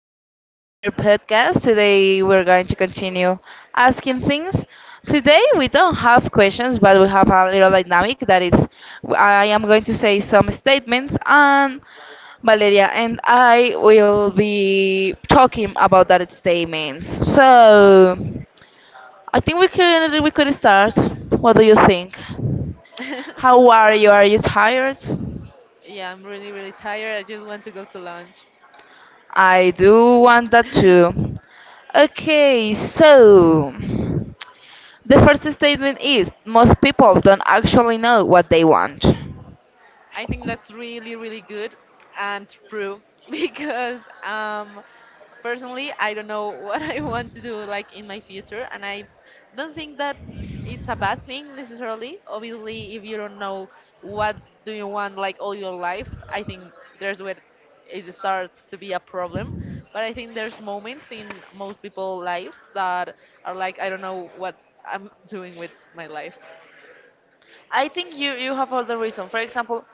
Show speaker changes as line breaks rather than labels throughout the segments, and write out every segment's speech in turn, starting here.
welcome back to your podcast. Today we're going to continue asking things. Today we don't have questions, but we have a little dynamic that is I am going to say some statements and Valeria and I will be talking about that statements. So I think we could start. What do you
Yeah.
think? How are you? Are you tired?
Yeah, I'm really, really tired. I just want to go to lunch.
I do want that too. Okay, so the first statement is most people don't actually know what they want.
I think that's really, really good and true, because um, personally, I don't know what I want to do like in my future, and I don't think that it's a bad thing necessarily. Obviously, if you don't know what do you want like all your life, I think there's where it starts to be a problem. But I think there's moments in most people's lives that are like I don't know what I'm doing with my life.
I think you have all the reason. For example,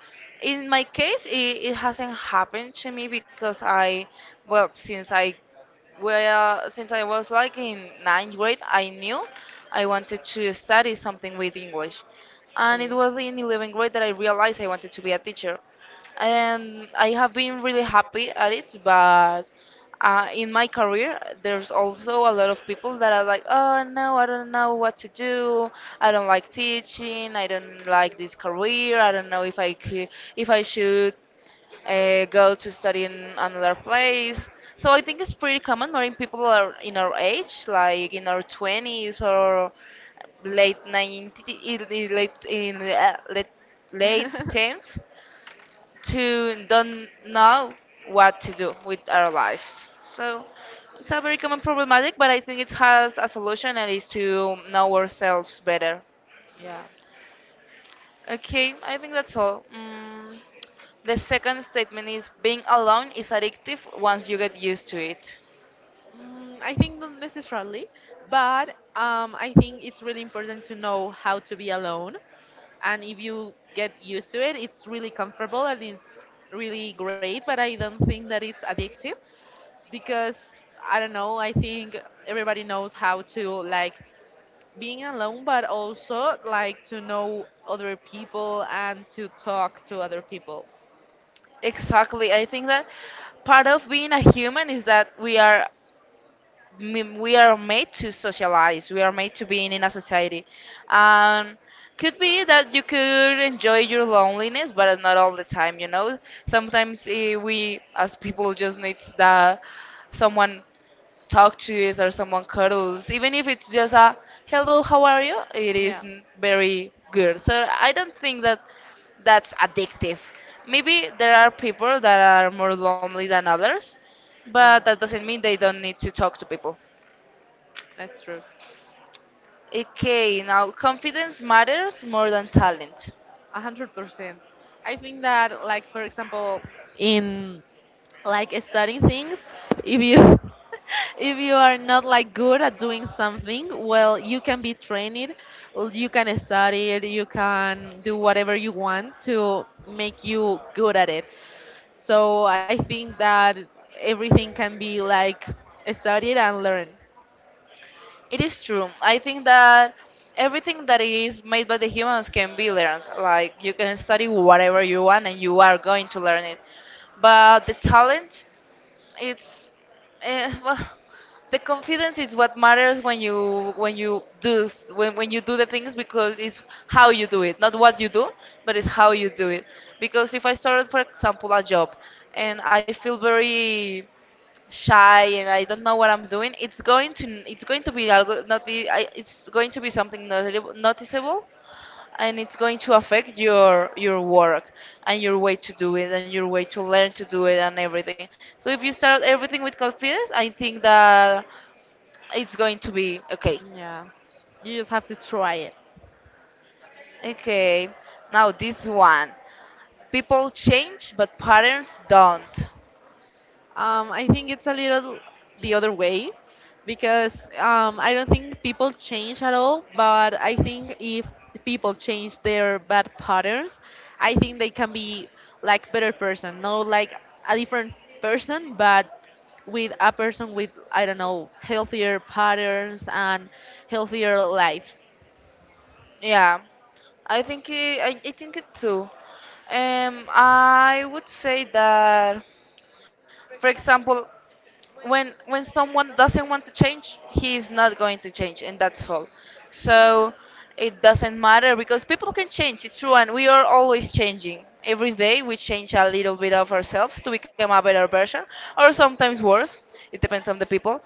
in my case, it hasn't happened to me because I, well, since I was like in ninth grade, I knew I wanted to study something with English, and it
Okay.
was in 11th grade that I realized I wanted to be a teacher. And I have been really happy at it. But in my career, there's also a lot of people that are like, "Oh no, I don't know what to do. I don't like teaching. I don't like this career. I don't know if I could, if I should go to study in another place." So I think it's pretty common when people are in our age, like in our 20s or late 90s, late in late late tens to don't know what to do with our lives. So it's a very common problematic, but I think it has a solution and is to know ourselves better.
Yeah.
Okay, I think that's all. The second statement is being alone is addictive once you get used to it.
Mm, I think not necessarily, but I think it's really important to know how to be alone. And if you get used to it, it's really comfortable and it's really great. But I don't think that it's addictive because I don't know. I think everybody knows how to like being alone, but also like to know other people and to talk to other people.
Exactly. I think that part of being a human is that we are made to socialize, we are made to be in a society. um could be that you could enjoy your loneliness, but not all the time, you know. Sometimes we as people just need that someone talk to us or someone cuddles, even if it's just a hello, how are you. it is
Yeah.
n- very good, so I don't think that that's addictive. Maybe there are people that are more lonely than others, but
Yeah.
that doesn't mean they don't need to talk to people.
That's true.
Okay, now confidence matters more than talent.
100%. I think that, like for example, in like studying things, if you if you are not like good at doing something, well, you can be trained, you can study it, you can do whatever you want to make you good at it. So I think that everything can be like studied and learned.
It is true. I think that everything that is made by the humans can be learned. Like you can study whatever you want and you are going to learn it. But the talent, it's eh, well, the confidence is what matters when you when you do the things, because it's how you do it, not what you do, but it's how you do it. Because if I started, for example, a job and I feel very shy and I don't know what I'm doing, it's going to be algo, not be I, it's going to be something noticeable, and it's going to affect your work and your way to do it and your way to learn to do it and everything. So if you start everything with confidence, I think that it's going to be okay.
Yeah, you just have to try it.
Okay. Now this one. People change but patterns don't.
I think it's a little the other way because I don't think people change at all, but I think if people change their bad patterns, I think they can be like better person, not like a different person, but with a person with I don't know healthier patterns and healthier life.
Yeah. I think it too. I would say that, for example, when someone doesn't want to change, he is not going to change, and that's all. So it doesn't matter because people can change. It's true, and we are always changing. Every day we change a little bit of ourselves to become a better version, or sometimes worse. It depends on the people.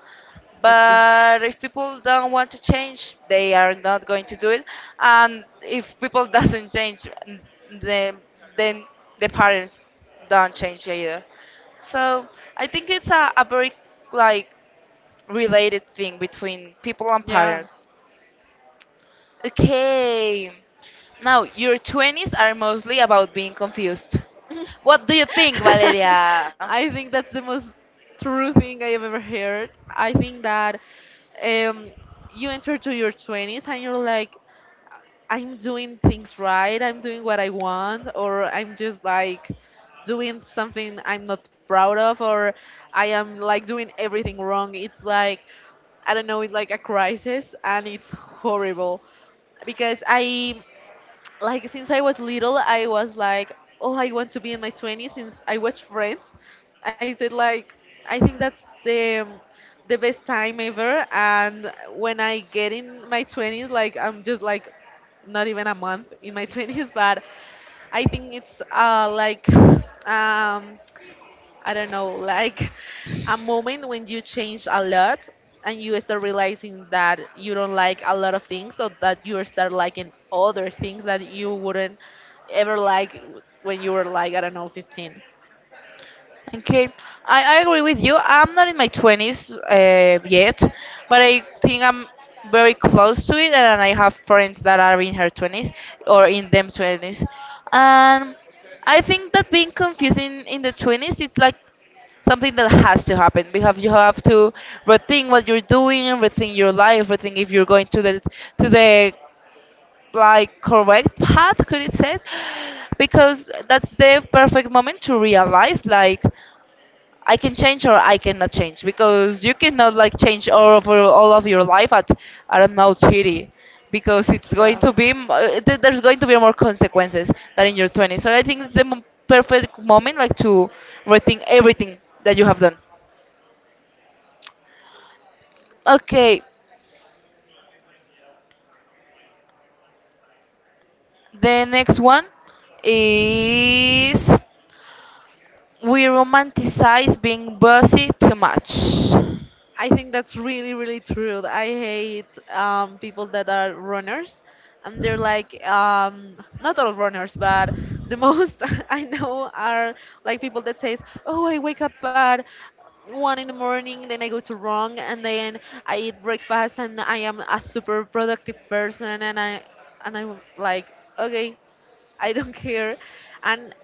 But if people don't want to change, they are not going to do it. And if people doesn't change, then then the parents don't change either. So I think it's a very like related thing between people and parents. Okay. Now your twenties are mostly about being confused. What do you think, Valeria?
I think that's the most true thing I have ever heard. I think that um, you enter to your 20s and you're like, I'm doing things right, I'm doing what I want, or I'm just like doing something I'm not proud of, or I am like doing everything wrong. It's like, I don't know, it's like a crisis and it's horrible because I, like since I was little, I was like, oh, I want to be in my 20s. Since I watch Friends, I said like, I think that's the the best time ever. And when I get in my 20s, like I'm just like not even a month in my 20s, but I think it's like um I don't know, like a moment when you change a lot and you start realizing that you don't like a lot of things, so that you start liking other things that you wouldn't ever like when you were like, I don't know, 15.
Okay, I agree with you. I'm not in my 20s yet, but I think I'm very close to it, and I have friends that are in her 20s or in them 20s. And I think that being confusing in the 20s, it's like something that has to happen because you have to rethink what you're doing, rethink your life, rethink if you're going to the to the like correct path, could it say? Because that's the perfect moment to realize like I can change or I cannot change, because you cannot like change all of your life at, I don't know, 30, because it's going
Yeah.
to be there's going to be more consequences than in your 20s. So I think it's the perfect moment like to rethink everything that you have done. Okay, the next one is we romanticize being bossy too much.
I think that's really, really true. I hate people that are runners, and they're like not all runners, but the most I know are like people that says, "Oh, I wake up at one in the morning, then I go to run, and then I eat breakfast, and I am a super productive person." And I'm like, okay, I don't care, and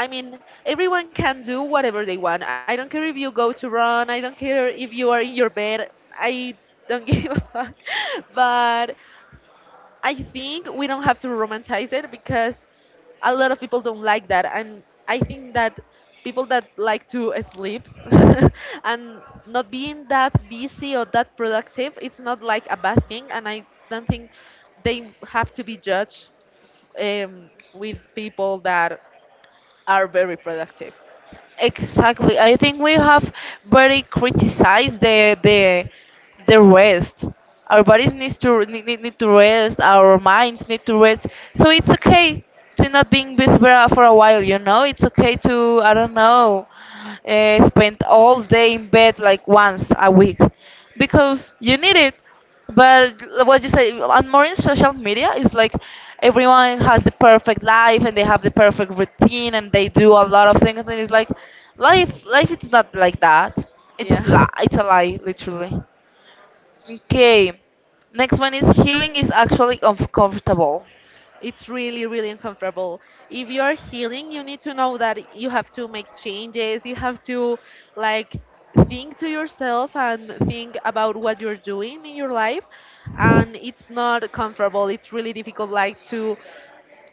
I mean, everyone can do whatever they want. I don't care if you go to run. I don't care if you are in your bed. I don't give a fuck. But I think we don't have to romanticize it because a lot of people don't like that. And I think that people that like to sleep and not being that busy or that productive, it's not like a bad thing. And I don't think they have to be judged um, with people that are very productive.
Exactly. I think we have very criticized the rest. Our bodies needs to need to rest. Our minds need to rest. So it's okay to not being busy for a while. You know, it's okay to, I don't know, spend all day in bed like once a week because you need it. But what you say on more in social media is like everyone has the perfect life and they have the perfect routine and they do a lot of things, and it's like life is not like that.
Yeah,
It's a lie, literally. Okay. Next one is healing is actually uncomfortable.
it's really, really uncomfortable. If you are healing, you need to know that you have to make changes. You have to like think to yourself and think about what you're doing in your life. And it's not comfortable. It's really difficult, like to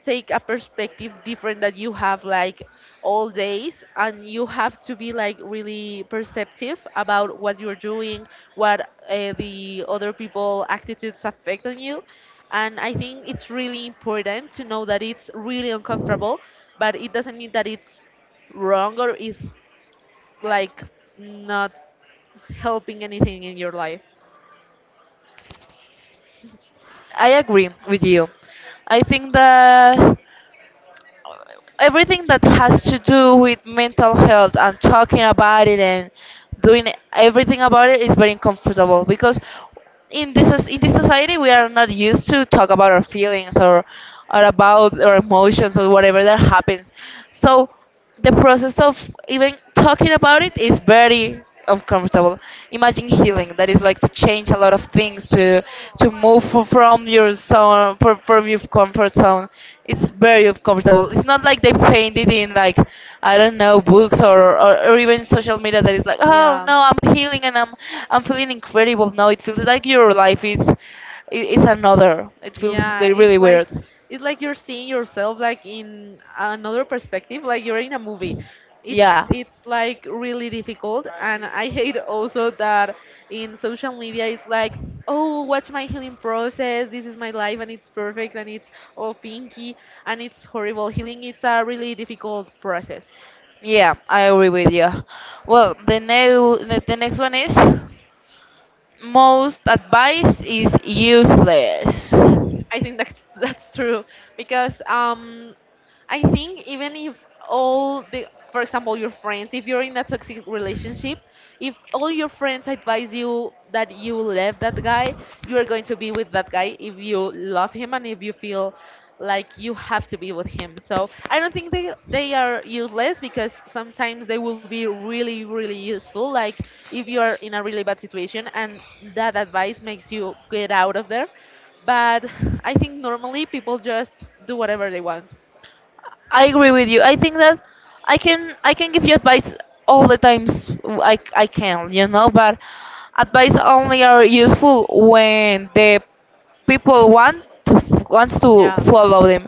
take a perspective different that you have like all days, and you have to be like really perceptive about what you're doing, what the other people attitudes affect on you. And I think it's really important to know that it's really uncomfortable, but it doesn't mean that it's wrong or is like not helping anything in your life.
I agree with you. I think that everything that has to do with mental health and talking about it and doing everything about it is very uncomfortable, because in this society we are not used to talk about our feelings or about our emotions or whatever that happens. So the process of even talking about it is very uncomfortable. Imagine healing, that is like to change a lot of things, to move from your zone, from your comfort zone. It's very uncomfortable. It's not like they painted in, like, I don't know, books or even social media, that is like, oh
Yeah,
no, I'm healing and I'm feeling incredible. No, it feels like your life is another. It feels
yeah,
really really weird.
it's like you're seeing yourself like in another perspective, like you're in a movie.
Yeah.
It's like really difficult, and I hate also that in social media it's like, oh, watch my healing process. This is my life, and it's perfect, and it's all pinky, and it's horrible. Healing it's a really difficult process.
Yeah, I agree with you. Well, the next one is most advice is useless.
I think that's that's true because I think even if all the, for example, your friends, if you're in a toxic relationship, if all your friends advise you that you left that guy, you are going to be with that guy if you love him and if you feel like you have to be with him. So I don't think they are useless because sometimes they will be really really useful. Like if you are in a really bad situation and that advice makes you get out of there. But I think normally people just do whatever they want.
I agree with you. I think that I can give you advice all the times I can, you know, but advice only are useful when the people want to wants to
Yeah,
follow them,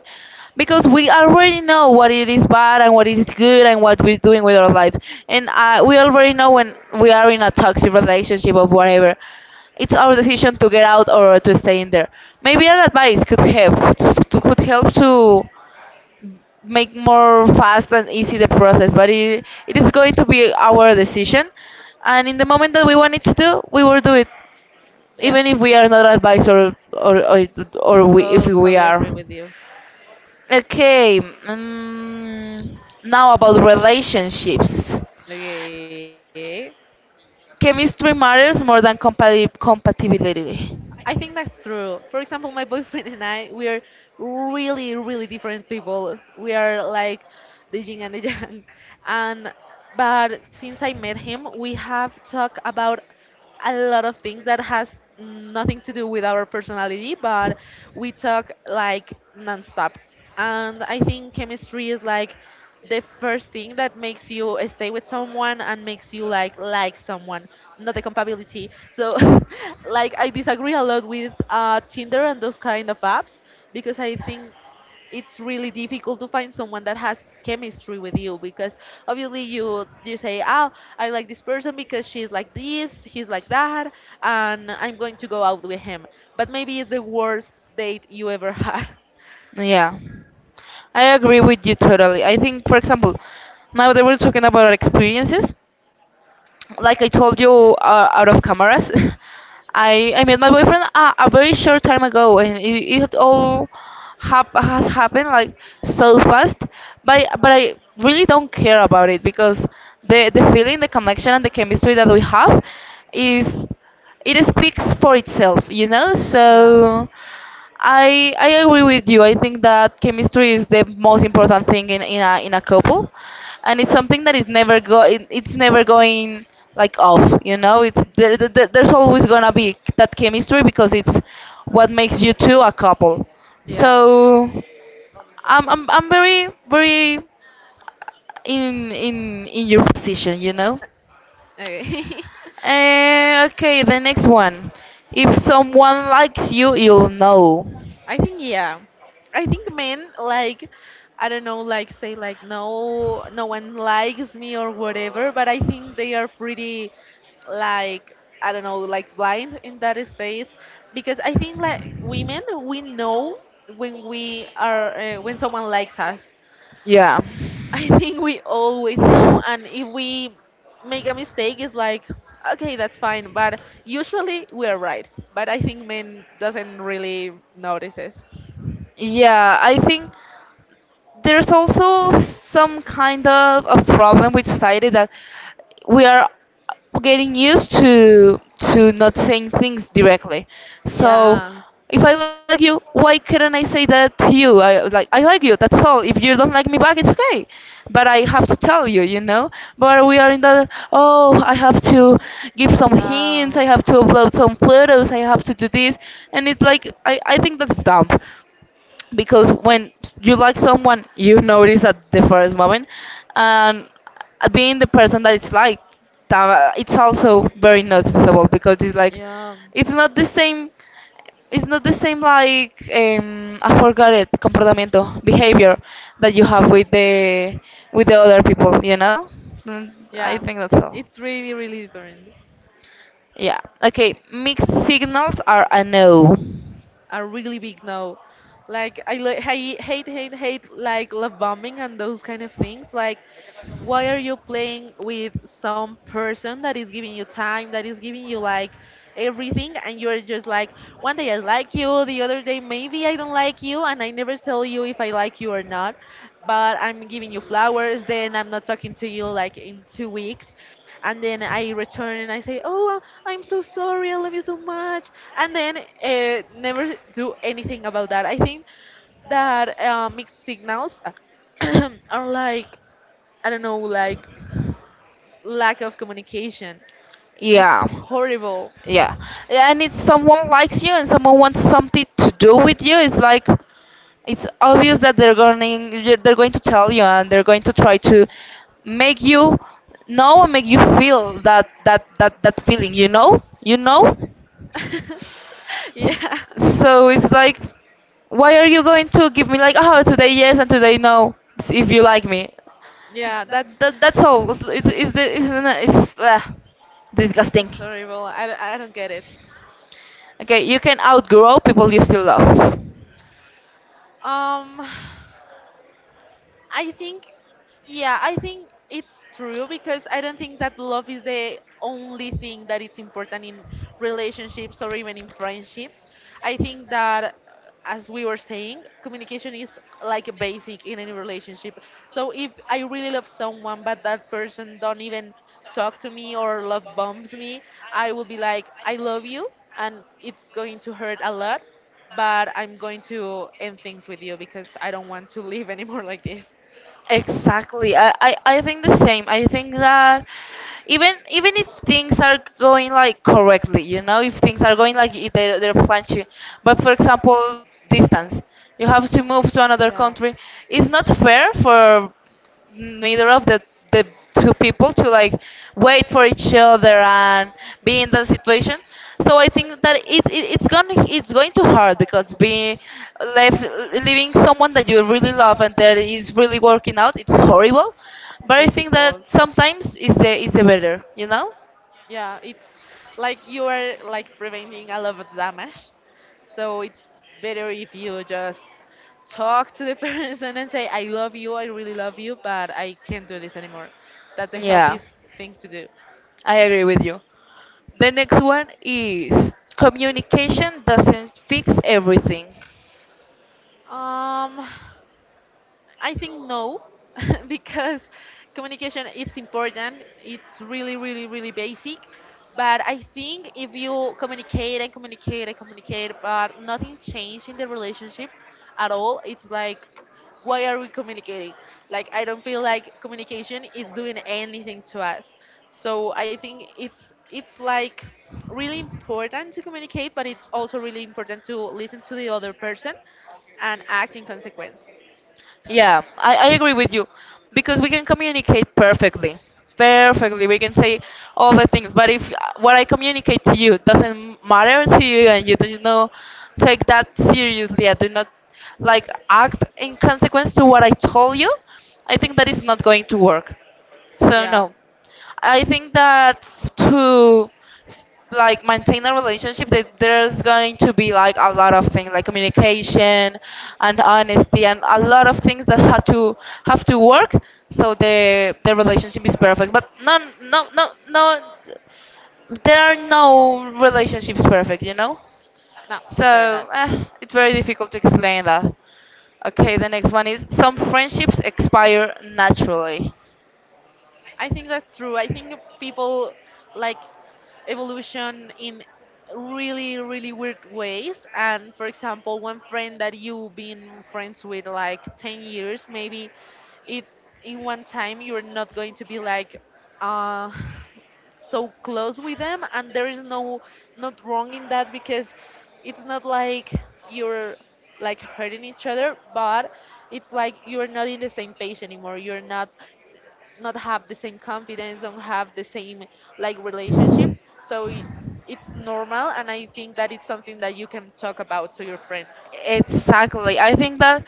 because we already know what it is bad and what it is good and what we're doing with our lives, and we already know when we are in a toxic relationship or whatever. It's our decision to get out or to stay in there. Maybe an advice could help could help to make more fast and easy the process, but it is going to be our decision, and in the moment that we want it to do, we will do it,
yeah,
even if we are not advised or if we
totally
are.
agree with you.
Okay. Now about relationships,
Okay.
chemistry matters more than compatibility.
I think that's true. For example, my boyfriend and I, we are really, really different people. We are like the yin and the yang. And but since I met him, we have talked about a lot of things that has nothing to do with our personality, but we talk like nonstop. And I think chemistry is like the first thing that makes you stay with someone and makes you like someone, not the compatibility. So, like I disagree a lot with Tinder and those kind of apps because I think it's really difficult to find someone that has chemistry with you because obviously you say oh I like this person because she's like this he's like that and I'm going to go out with him, but maybe it's the worst date you ever had.
Yeah, I agree with you totally. I think, for example, now that we're talking about our experiences, like I told you, out of cameras, I met my boyfriend a very short time ago, and it all has happened like so fast. But I really don't care about it because the feeling, the connection, and the chemistry that we have is, it speaks for itself, you know.
Yeah,
So I agree with you. I think that chemistry is the most important thing in a couple, and it's something that is never go it, it's never going like off. You know, it's there's always gonna be that chemistry because it's what makes you two a couple.
yeah.
So I'm very very in your position. You know.
Okay.
Okay, the next one. If someone likes you, you'll know.
I think yeah. I think men like I don't know like say like no no one likes me or whatever, but I think they are pretty like I don't know like blind in that space because I think like women we know when we are when someone likes us.
Yeah.
I think we always know, and if we make a mistake, it's like, okay, that's fine. But usually we are right. But I think men doesn't really notices.
Yeah, I think there's also some kind of a problem with society that we are getting used to not saying things directly. So
Yeah,
if I like you, why couldn't I say that to you? I like you. That's all. If you don't like me back, it's okay. But I have to tell you, you know. But we are in the, oh, I have to give some hints.
yeah,
I have to upload some photos. I have to do this, and it's like I think that's dumb because when you like someone you notice at the first moment and being the person that it's like that it's also very noticeable because it's like
yeah,
it's not the same it's not the same like I forgot it, comportamiento, behavior, that you
behavior.
have with the other people Mm, I
Yeah,
think that's all,
it's really, really different.
yeah. Okay, mixed signals are a no,
A really big no. Like I hate hate hate like love bombing and those kind of things. Like why are you playing with some person that is giving you time, that is giving you like everything, and you're just like, one day I like you, the other day maybe I don't like you, and I never tell you if I like you or not, but I'm giving you flowers, then I'm not talking to you like in 2 weeks and then I return and I say, "Oh, I- am so sorry. I love you so much," and then never do anything about that. I think that mixed signals are like I don't know, like lack of communication. It's
yeah.
horrible.
Yeah. Yeah, and if someone likes you and someone wants something to do with you, it's like it's obvious that they're going to tell you and they're going to try to make you know and make you feel that feeling, you know? You know? S-
Yeah,
So it's like, why are you going to give me like, oh, today yes and today no if you like me?
yeah, that's
That's all. It's disgusting.
it's horrible. Don't- I don't get it.
Okay, you can outgrow people you still love.
Um. I think, yeah, I think it's true because I don't think that love is the only thing that it's important in relationships or even in friendships. I think that as we were saying, communication is like a basic in any relationship. So if I really love someone but that person don't even talk to me or love bombs me, I will be like, I love you and it's going to hurt a lot, but I'm going to end things with you because I don't want to live anymore like this.
Exactly. I think the same. I think that even if things are going like correctly, you know, if things are going like their plan should, but for example, distance, you have to move to another country. It's not fair for neither of the two people to like wait for each other and be in that situation. So I think that it's going to hurt because being left leaving someone that you really love and that is really working out, it's horrible. But I think that
Difficult.
sometimes it's a better, you know?
Yeah, it's like you are like preventing a lot of damage. So it's better if you just talk to the person and say, I love you, I really love you, but I can't do this anymore. That's the
Yeah,
healthiest thing to do.
I agree with you. The next one is, communication doesn't fix everything.
Um I think no, because communication it's important. It's really, really, really basic. But I think if you communicate and communicate and communicate, but nothing changed in the relationship at all, it's like, why are we communicating? Like I don't feel like communication is doing anything to us. So I think it's like really important to communicate, but it's also really important to listen to the other person and act in consequence.
Yeah, I agree with you because we can communicate perfectly. Perfectly, we can say all the things, but if what I communicate to you doesn't matter to you, and you do not take that seriously and do not like act in consequence to what I told you, I think that is not going to work. So
Yeah.
no, I think that to like maintain a relationship, that there's going to be like a lot of things like communication and honesty and a lot of things that have to work, so the relationship is perfect, but no, no, no, no, there are no relationships perfect, you know?
No, they're not.
So it's very difficult to explain that. Okay, the next one is, some friendships expire naturally.
I think that's true. I think people like evolution in really, really weird ways. And for example, one friend that you've been friends with like 10 years, maybe it in one time you're not going to be like uh so close with them, and there is no not wrong in that because it's not like you're like hurting each other. But it's like you're not in the same page anymore, you're not have the same confidence, don't have the same like relationship. So i- it's normal, and I think that it's something that you can talk about to your friend.
Exactly. I think that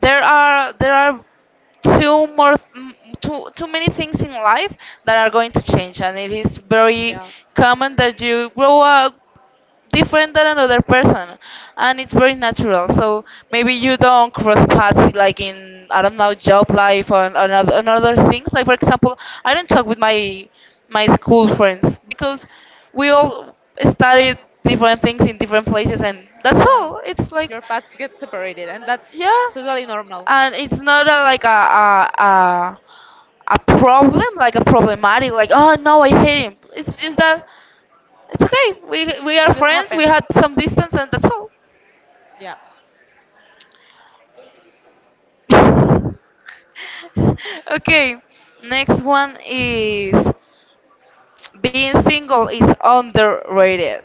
there are too more mm, too too many things in life that are going to change, and it is very
Yeah.
common that you grow up different than another person, and it's very natural. So maybe you don't cross paths like in, I don't know, job life or on other things. Like for example, I don't talk with my school friends because we all studied different things in different places, and that's
Yeah.
all, it's like,
Your paths get separated, and that's
yeah.
totally normal.
And it's not a, like a problem, like a problematic, like, oh no, I hate him. It's just that it's okay. We
It
are
just
friends. We
happened.
had some distance, and that's all.
Yeah.
okay, next one is, being single is underrated.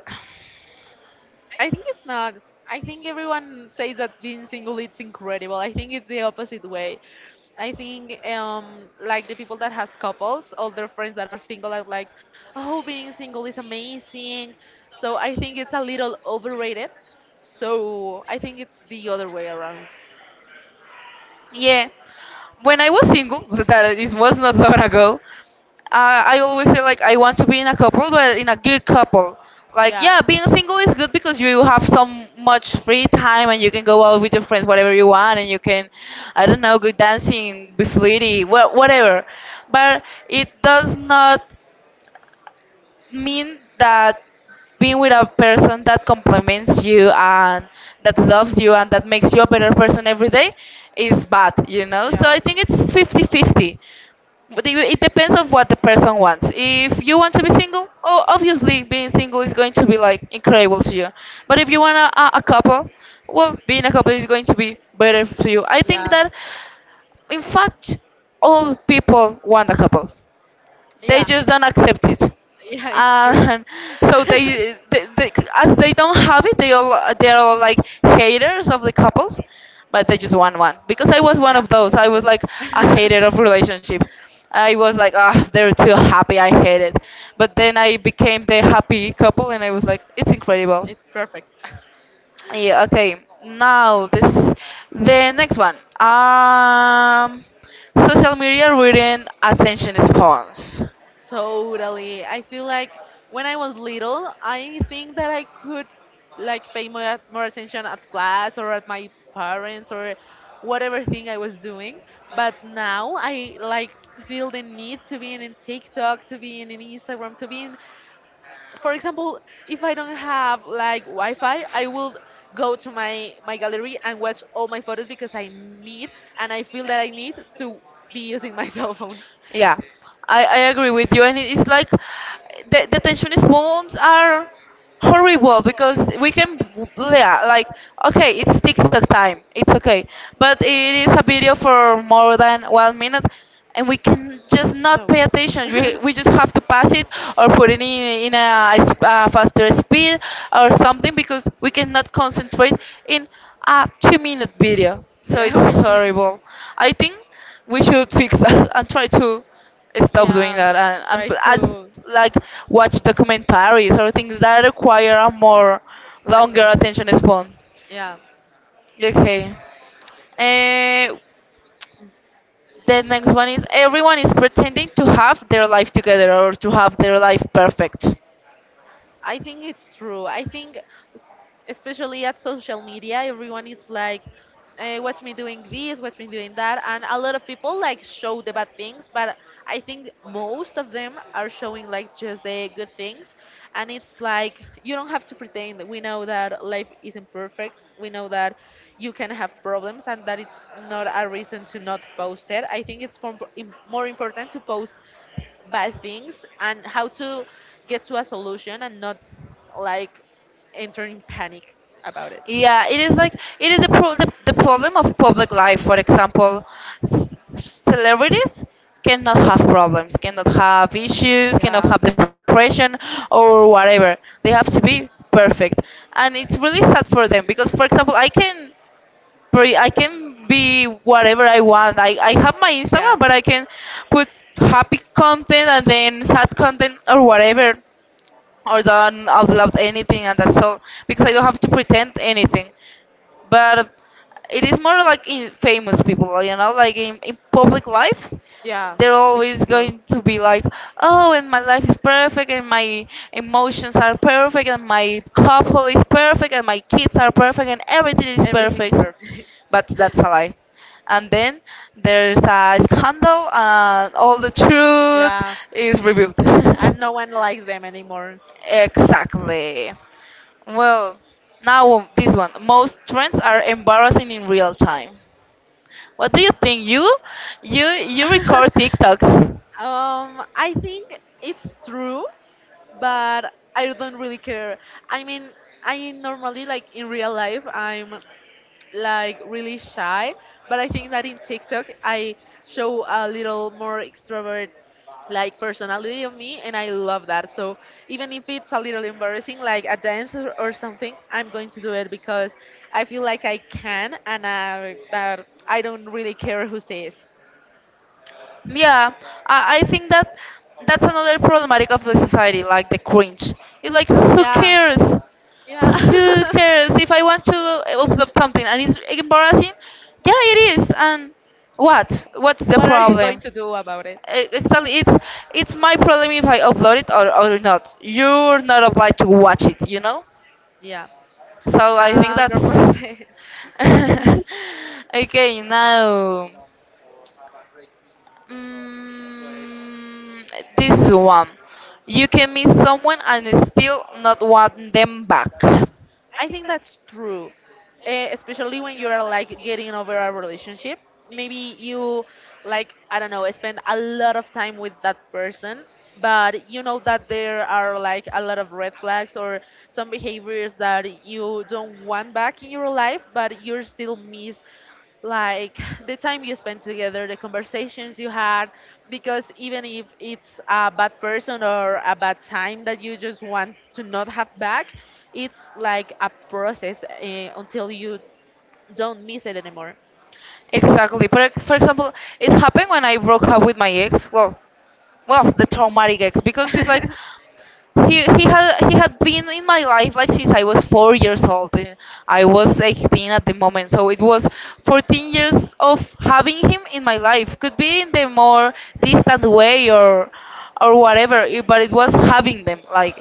I think it's not. I think everyone says that being single it's incredible. I think it's the opposite way. I think like the people that has couples, all their friends that are single are like, "Oh, being single is amazing." So I think it's a little overrated. So I think it's the other way around.
Yeah, when I was single, that it was not long ago, I always say like I want to be in a couple, but in a good couple. Like,
Yeah.
yeah, being single is good because you have so much free time and you can go out with your friends whatever you want, and you can, I don't know, go dancing, be flirty, wha- whatever. But it does not mean that being with a person that compliments you and that loves you and that makes you a better person every day is bad, you know? So
Yeah.
I think it's 50 50. But it depends on what the person wants. If you want to be single, oh, obviously being single is going to be like incredible to you. But if you want a couple, well, being a couple is going to be better to you. I think
Yeah.
that, in fact, all people want a couple, they
Yeah.
just don't accept it,
Yeah, it's true.
and so they, as they don't have it they're all like haters of the couples, but they just want one, because I was one
Yeah,
of those.
that's
I was
true.
like a hater of relationship. I was like, ah, they're too happy, I hate it. But then I became the happy couple, and I was like, it's incredible.
It's perfect.
Yeah, okay. Now this, the next one, social media ruin attention spans.
Totally. I feel like when I was little, I think that I could like pay more attention at class or at my parents or whatever thing I was doing. But now I like feel the need to be in TikTok, to be in Instagram, to be in, for example, if I don't have like Wi-Fi, I will go to my gallery and watch all my photos because I need and I feel that I need to be using my cell phone.
Yeah, I agree with you, and it's like the tensionist moms are horrible because we can, yeah, like, okay, it's TikTok time, it's okay, but it is a video for more than 1 minute, and we can just not
No.
pay attention. we just have to pass it or put it in a faster speed or something because we cannot concentrate in a 2-minute video. So
Yeah,
it's
we can.
horrible. I think we should fix that and try to stop doing
Yeah,
that, and, and
try
pl- as
to
like watch documentaries or things that require a more longer
attention.
attention span.
Yeah.
Okay. Uh, the next one is, everyone is pretending to have their life together or to have their life perfect.
I think it's true. I think, s- especially at social media, everyone is like, eh, watch me doing this, watch me doing that. And a lot of people like show the bad things, but I think most of them are showing like just the good things. And it's like, you don't have to pretend. We know that life isn't perfect. We know that you can have problems and that it's not a reason to not post it. I think it's more important to post bad things and how to get to a solution and not like enter in panic about it.
Yeah, it is like, it is a pro- the problem of public life. For example, c- celebrities cannot have problems, cannot have issues,
Yeah.
cannot have depression or whatever. They have to be perfect, and it's really sad for them because, for example, I can I can be whatever I want. I have my
Yeah.
Instagram, but I can put happy content and then sad content or whatever, or don't upload anything, and that's all, because I don't have to pretend anything. But it is more like in famous people, you know, like in public lives.
Yeah.
They're
It's
always
true.
going to be like, oh, and my life is perfect, and my emotions are perfect, and my couple is perfect, and my kids are perfect, and everything is
Everything's
perfect.
perfect.
But that's a lie. And then there's a scandal, and all the truth
Yeah,
is revealed.
and no one likes them anymore.
Exactly. Well, now this one. Most trends are embarrassing in real time. What do you think? You record TikToks?
I think it's true, but I don't really care. I mean, I normally like in real life, I'm like really shy, but I think that in TikTok I show a little more extrovert like personality of me and I love that. So even if it's a little embarrassing like a dance or something, I'm going to do it because I feel like I can and that I don't really care who says.
Yeah, I think that that's another problematic of the society, like the cringe. It's like, who
Yeah.
cares?
Yeah.
Who cares if I want to upload something and it's embarrassing? Yeah, it is. And what? What's the
What are you going
problem?
to do about it?
Exactly, it's my problem if I upload it, or not. You're not obliged to watch it, you know.
Yeah,
So I think that's,
100%.
okay, now. Mm, this one. You can meet someone and still not want them back.
I think that's true, especially when you're like getting over a relationship. Maybe like, I don't know, spend a lot of time with that person, but you know that there are like a lot of red flags or some behaviors that you don't want back in your life, but you're still miss like the time you spend together, the conversations you had, because even if it's a bad person or a bad time that you just want to not have back, it's like a process until you don't miss it anymore.
Exactly. For, ex- for example, it happened when I broke up with my ex. Well, well, the traumatic ex, because it's like he had been in my life like since I was 4 years old. And I was 18 at the moment, so it was 14 years of having him in my life. Could be in the more distant way or whatever, I- but it was having them. Like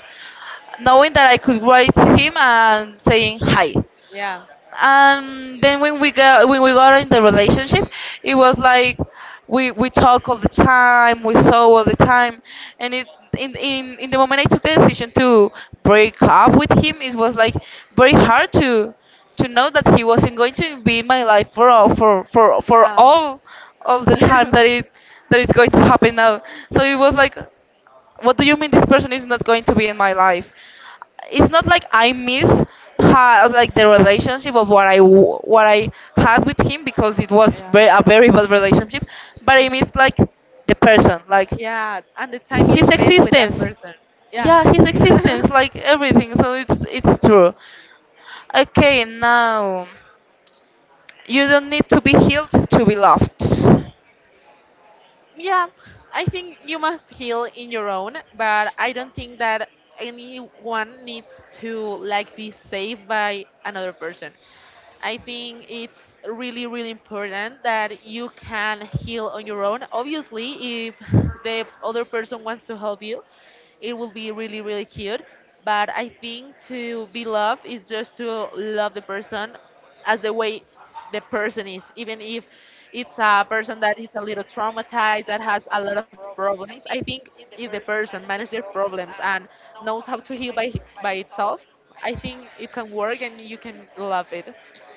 knowing that I could write to him and saying hi.
Yeah.
And then when we got, when we got in the relationship, it was like we talk all the time, we saw all the time, and it in the moment I took the decision to break up with him, it was like very hard to know that he wasn't going to be in my life for all the time that it that is going to happen now. So it was like, what do you mean this person is not going to be in my life? It's not like I miss like the relationship of what I what I had with him because it was
Yeah.
very, a very bad relationship, but I miss like the person, like
Yeah. And the time you
his
spend with that
existence.
person. Yeah.
Yeah, his existence, like everything. So it's true. Okay, now, you don't need to be healed to be loved.
Yeah, I think you must heal in your own, but I don't think that anyone needs to like be saved by another person. I think it's really, really important that you can heal on your own. Obviously, if the other person wants to help you, it will be really, really cute. But I think to be loved is just to love the person as the way the person is, even if it's a person that is a little traumatized, that has a lot of problems. I think if the person manages their problems and knows how to heal by itself, I think it can work and you can love it.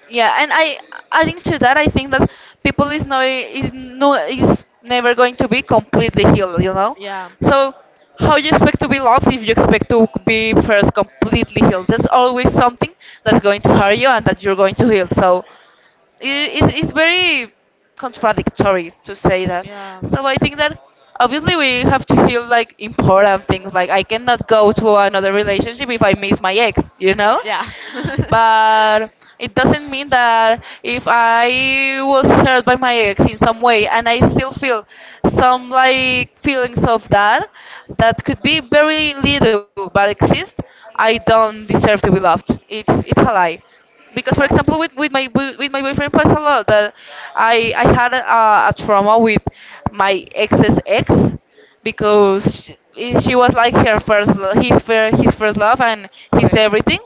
Yeah, and I, adding to that, I think that people is never going to be completely healed, you know.
Yeah.
So how you expect to be loved if you expect to be first completely healed? There's always something that's going to hurt you and that you're going to heal. So it's very contradictory to say that.
Yeah.
So I think that obviously we have to heal like important things. Like I cannot go to another relationship if I miss my ex, you know?
Yeah.
But it doesn't mean that if I was hurt by my ex in some way and I still feel some like feelings of that, that could be very little but exist, I don't deserve to be loved. It's a lie because, for
Yeah.
example, with my boyfriend was a lot that I had a trauma with my ex's ex because she was like her first lo- his first love and his
Okay.
everything.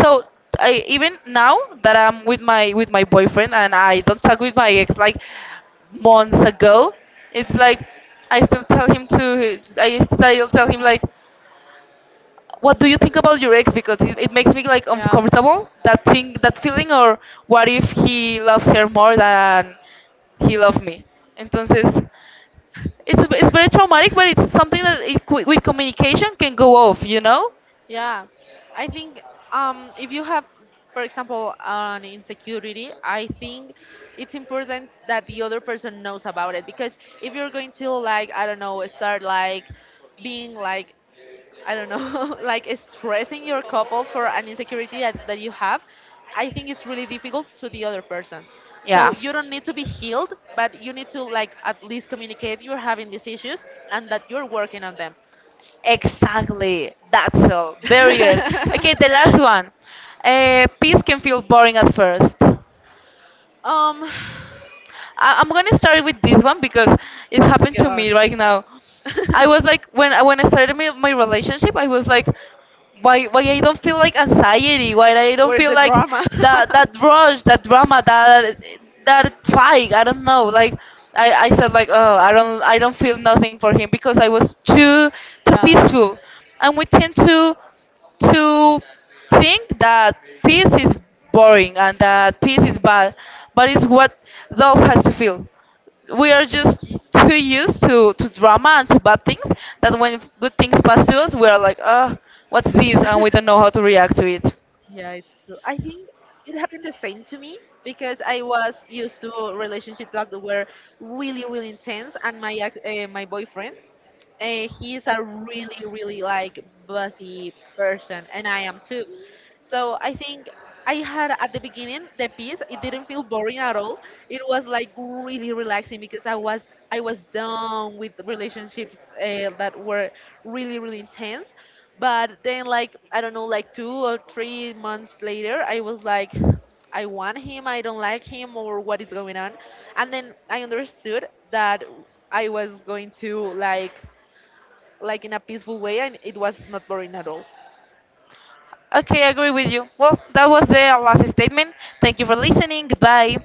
So I, even now that I'm with my boyfriend and I don't talk with my ex like months ago, it's like, I still tell him like, what do you think about your ex, because it makes me like
Yeah.
uncomfortable, that thing, that feeling, or what if he loves her more than he loved me? Entonces, it's very traumatic, but it's something that it, with communication, can go off, you know?
Yeah, I think if you have, for example, an insecurity, I think it's important that the other person knows about it because if you're going to like, I don't know, start like being like, I don't know, like stressing your couple for an insecurity that you have, I think it's really difficult to the other person. So
Yeah.
you don't need to be healed, but you need to like at least communicate you're having these issues and that you're working on them.
Exactly. That's all. Very good. Okay, the last one. Peace can feel boring at first.
Um,
I'm gonna start with this one because it happened to
go
me
on.
right now. I was like, when I started my relationship, I was like, why I don't feel like anxiety? Why I don't feel like that rush, that drama, that fight? I don't know. Like I said like, oh, I don't feel nothing for him because I was too too
Yeah.
peaceful, and we tend to to think that peace is boring and that peace is bad, but it's what love has to feel. We are just too used to, drama and to bad things that when good things pass to us, we are like, what's this? And we don't know how to react to it.
Yeah, it's true. I think it happened the same to me because I was used to relationships that were really, really intense, and my my boyfriend, he is a really, really like busy person, and I am too. So I think I had at the beginning the piece. It didn't feel boring at all. It was like really relaxing because I was done with relationships that were really, really intense. But then, like I don't know, like 2 or 3 months later, I was like, I want him, I don't like him, or what is going on. And then I understood that I was going to like in a peaceful way, and it was not boring at all.
Okay, I agree with you. Well, that was the last statement. Thank you for listening. Goodbye.